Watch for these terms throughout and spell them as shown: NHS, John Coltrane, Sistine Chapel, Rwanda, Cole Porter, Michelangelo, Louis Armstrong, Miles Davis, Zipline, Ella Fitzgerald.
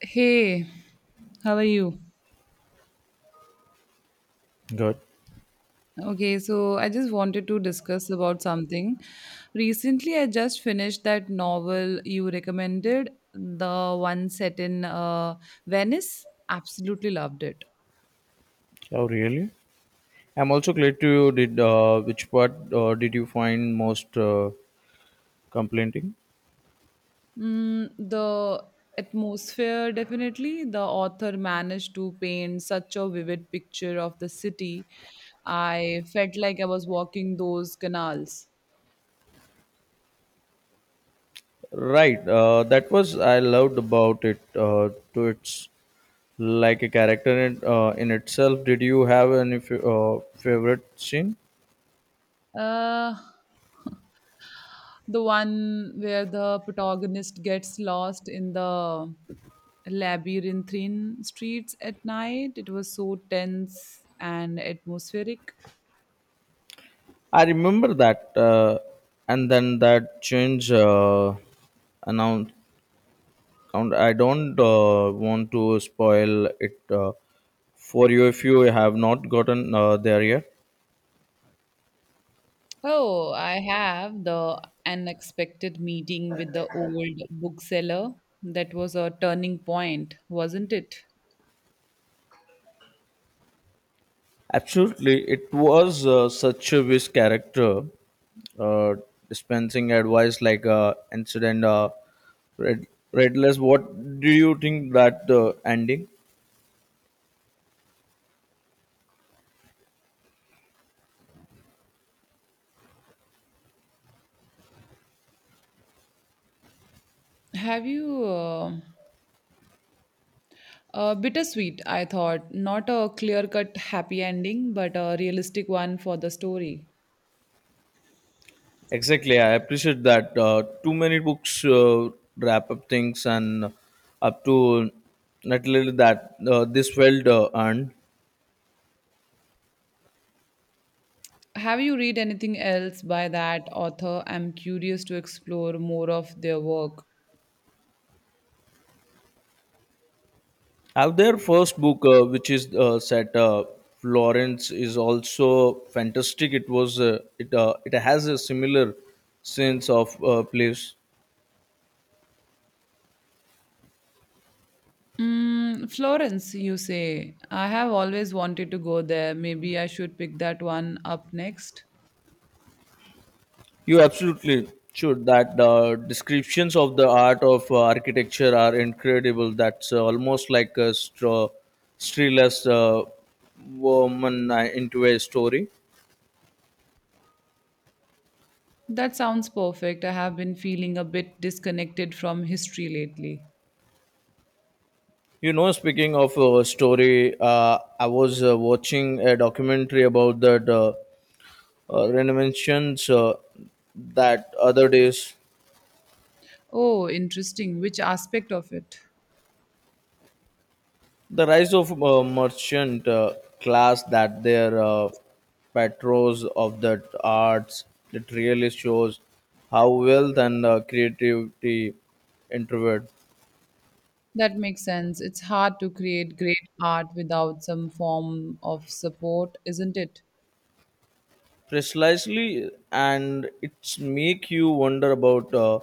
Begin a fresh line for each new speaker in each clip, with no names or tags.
Hey, how are you?
Good.
Okay, so I just wanted to discuss about something. Recently, I just finished that novel you recommended, the one set in Venice. Absolutely loved it.
Oh, really? I'm also glad to you did. Which part did you find most complaining?
Mm, the atmosphere, definitely. The author managed to paint such a vivid picture of the city. I felt like I was walking those canals.
Right. That was I loved about it. To its like a character in itself. Did you have any favorite scene?
Uh, the one where the protagonist gets lost in the labyrinthine streets at night. It was so tense and atmospheric.
I remember that, and then that change announced. I don't want to spoil it for you if you have not gotten there yet.
Oh, I have the unexpected meeting with the old bookseller. That was a turning point, wasn't it?
Absolutely, it was such a his character, uh, dispensing advice like incident. Red, Redless, what do you think that ending?
Have you Bittersweet, I thought. Not a clear cut happy ending, but a realistic one for the story.
Exactly, I appreciate that. Too many books wrap up things and up to not little that this felt earned.
Have you read anything else by that author? I'm curious to explore more of their work.
Have their first book, which is set Florence, is also fantastic. It was it has a similar sense of place.
Mm, Florence, you say. I have always wanted to go there. Maybe I should pick that one up next.
You absolutely should. That descriptions of the art of architecture are incredible. That's almost like a streless woman into a story.
That sounds perfect. I have been feeling a bit disconnected from history lately.
You know, speaking of a story, I was watching a documentary about that. Ren mentions that other days
Oh, interesting. Which aspect of it?
the rise of merchant class that their patrons of the arts, it really shows how wealth and creativity introvert
That makes sense. It's hard to create great art without some form of support, isn't it?
precisely, and it's make you wonder about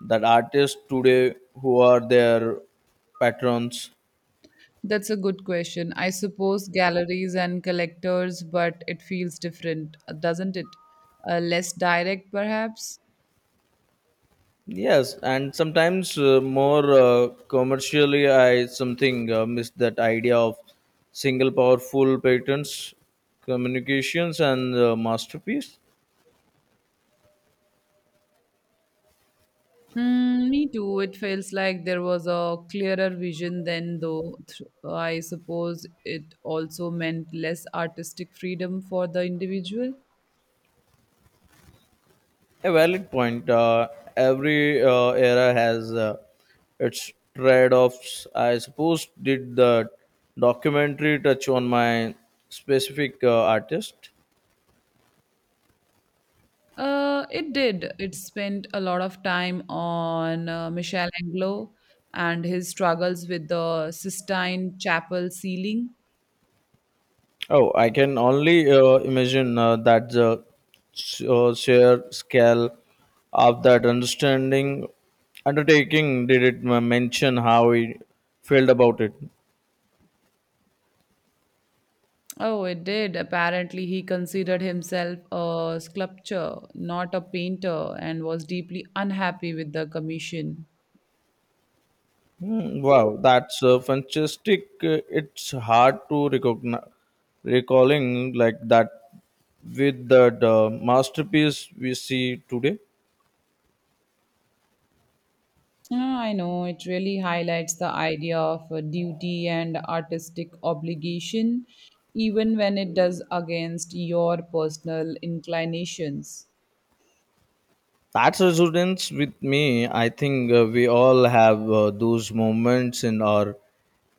that artists today, who are their patrons?
That's a good question. I suppose galleries and collectors, but it feels different, doesn't it? Less direct, perhaps?
Yes, and sometimes more commercially, I something miss that idea of single powerful patents, communications, and masterpiece.
Mm, me too. It feels like there was a clearer vision then, I suppose it also meant less artistic freedom for the individual.
A valid point. Every era has its trade-offs. I suppose did the documentary touch on my specific artist?
It did. It spent a lot of time on Michelangelo and his struggles with the Sistine Chapel ceiling.
Oh, I can only imagine that the sheer scale of that understanding undertaking, did it mention how he felt about it?
Oh, it did. Apparently, he considered himself a sculptor, not a painter, and was deeply unhappy with the commission.
Hmm, wow, that's fantastic. It's hard to recognize recalling like that with that masterpiece we see today.
Yeah, I know it really highlights the idea of duty and artistic obligation, even when it does against your personal inclinations.
That's resonance with me. I think we all have those moments in our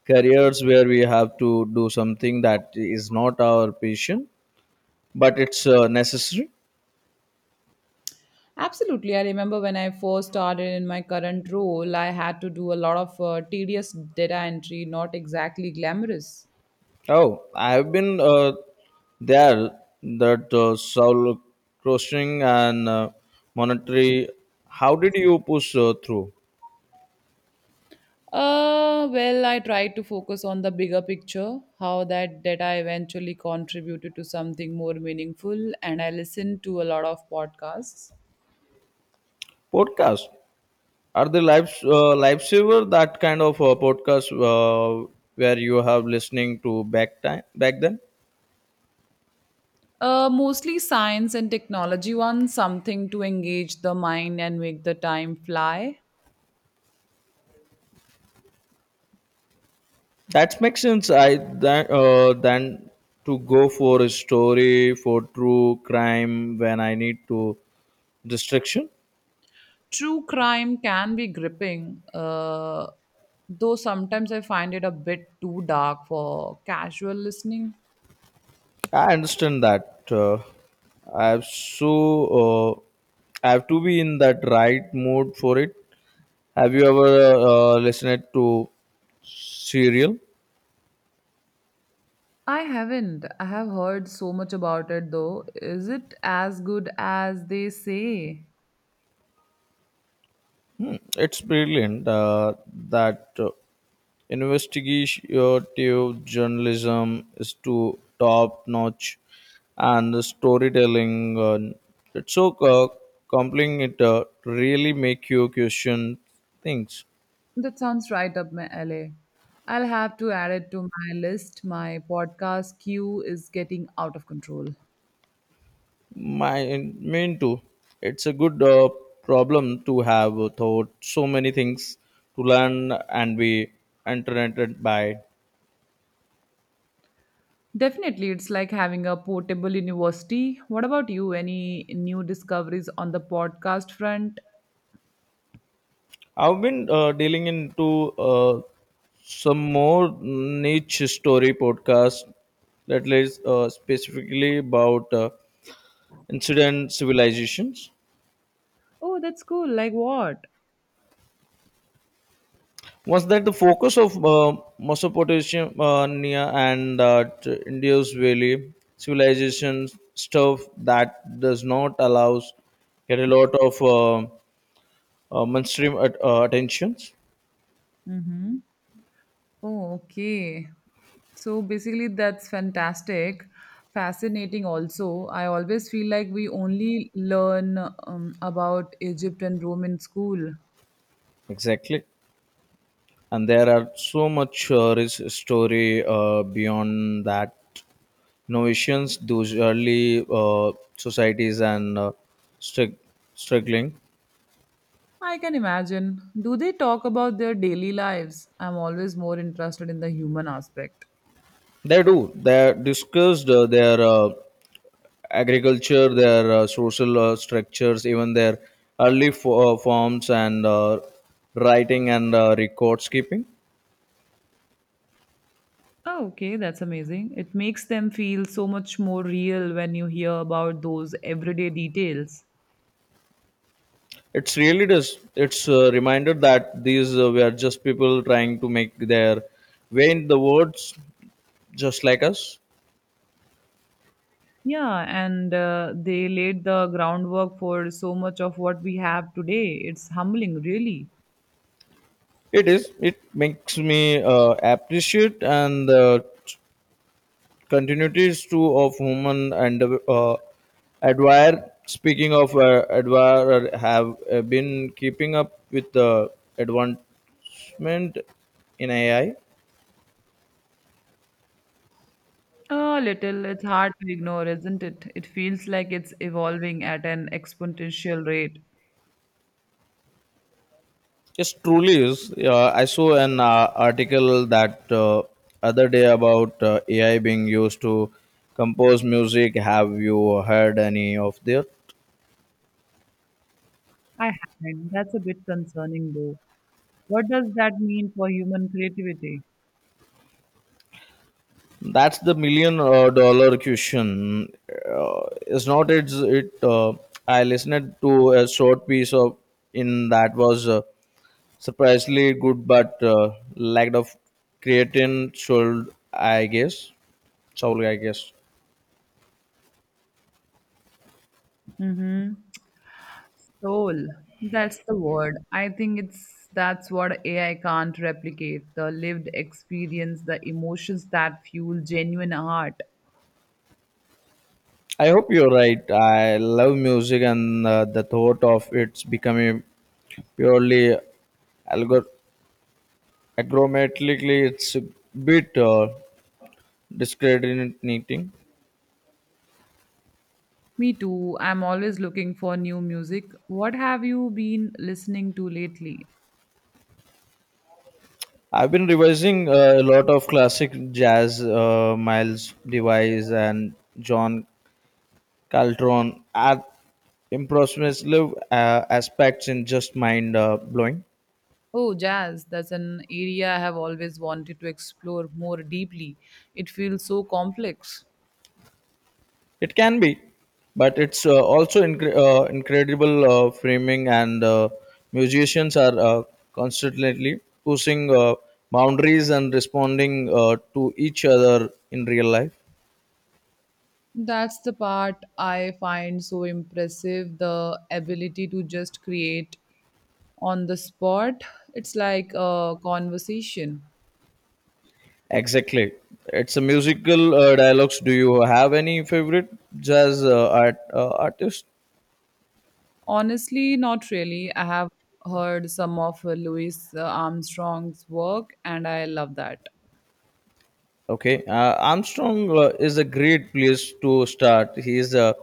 careers where we have to do something that is not our passion, but it's necessary.
Absolutely. I remember when I first started in my current role, I had to do a lot of tedious data entry, not exactly glamorous.
Oh, I have been there. That soul crushing and monetary. How did you push through?
Well, I tried to focus on the bigger picture, how that data eventually contributed to something more meaningful, and I listened to a lot of podcasts.
Podcast are the lives lifesaver, that kind of podcast where you have listening to back time back then.
Mostly science and technology ones, something to engage the mind and make the time fly.
That makes sense. I that than to go for a story for true crime when I need to distraction.
True crime can be gripping, though sometimes I find it a bit too dark for casual listening.
I understand that. I have so uh, I have to be in that right mood for it. Have you ever listened to serial?
I haven't. I have heard so much about it though. Is it as good as they say?
It's brilliant that investigative journalism is to top notch, and the storytelling, uh, it's so uh, compelling, it really make you question things.
That sounds right up my alley. I'll have to add it to my list. My podcast queue is getting out of control.
My main too, it's a good problem to have, thought so many things to learn and be entertained by.
Definitely, it's like having a portable university. What about you? Any new discoveries on the podcast front?
I've been dealing into some more niche story podcast that is specifically about incident civilizations.
Oh, that's cool. Like what?
Was that the focus of Mesopotamia and Indus Valley civilization stuff that does not allows get a lot of mainstream at, attentions?
Mm-hmm. Oh, okay. So basically, that's fantastic. Fascinating, also. I always feel like we only learn about Egypt and Rome in school.
Exactly. And there are so much rich story beyond that Novations, those early societies and strug- struggling.
I can imagine. Do they talk about their daily lives? I'm always more interested in the human aspect.
They do, they discussed their agriculture, their social structures, even their early forms and writing and records keeping.
Oh, okay, that's amazing. It makes them feel so much more real when you hear about those everyday details.
It's really does. It's a reminder that these were just people trying to make their way in the words, just like us.
Yeah, and they laid the groundwork for so much of what we have today. It's humbling, really.
It is. It makes me appreciate and the continuities too of human and, uh, admire. Speaking of admire, I have been keeping up with the advancement in AI.
A little, it's hard to ignore, isn't it? It feels like it's evolving at an exponential rate.
Yes, truly is. I saw an article that other day about AI being used to compose music. Have you heard any of that?
I haven't. That's a bit concerning, though. What does that mean for human creativity?
That's the million dollar question. It's not. It's it. I listened to a short piece of in that was surprisingly good, but lacked of creatine. Should I guess? Soul, I guess.
Mm-hmm. Soul. That's the word. I think it's that's what AI can't replicate. The lived experience, the emotions that fuel genuine art.
I hope you're right. I love music, and the thought of it's becoming purely algor- agromatically, it's a bit discrediting.
Me too. I'm always looking for new music. What have you been listening to lately?
I've been revising a lot of classic jazz, Miles Device and John Caltron at impressive aspects in just mind blowing.
Oh, jazz. That's an area I have always wanted to explore more deeply. It feels so complex.
It can be, but it's also incredible framing, and musicians are constantly pushing boundaries and responding to each other in real life.
That's the part I find so impressive, the ability to just create on the spot. It's like a conversation.
Exactly. It's a musical dialogues. Do you have any favorite jazz artist?
Honestly, not really. I have heard some of Louis Armstrong's work and I love that.
Okay, Armstrong is a great place to start. He is a,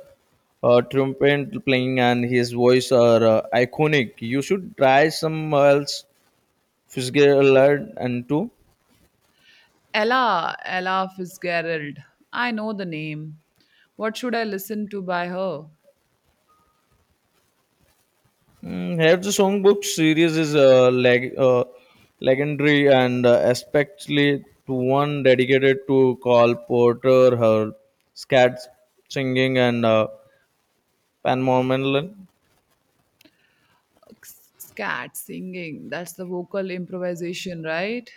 trumpet playing and his voice are iconic. You should try some else Fitzgerald and too.
Ella Fitzgerald. I know the name. What should I listen to by her?
Mm, have the songbook series is legendary and especially to one dedicated to Carl Porter, her scat singing and Pan Mormon.
Scat, singing. That's the vocal improvisation, right?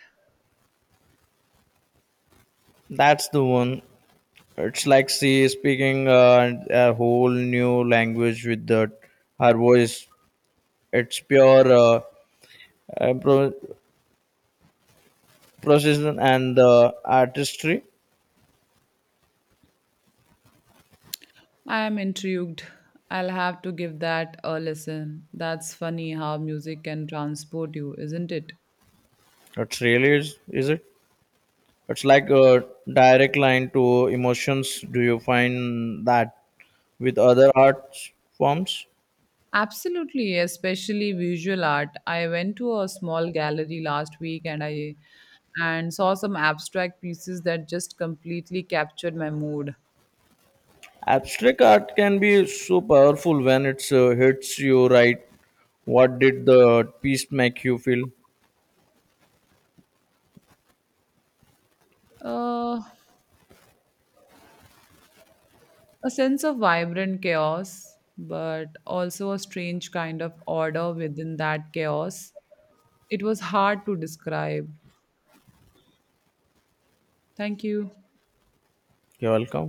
That's the one. It's like she is speaking and a whole new language with the, her voice. It's pure uh, pro- precision and artistry.
I am intrigued. I'll have to give that a listen. That's funny how music can transport you, isn't it?
It really is it? It's like a direct line to emotions. Do you find that with other art forms?
Absolutely, especially visual art. I went to a small gallery last week and saw some abstract pieces that just completely captured my mood.
Abstract art can be so powerful when it hits you right. What did the piece make you feel?
Uh, a sense of vibrant chaos, but also a strange kind of order within that chaos. It was hard to describe. Thank you.
You're welcome.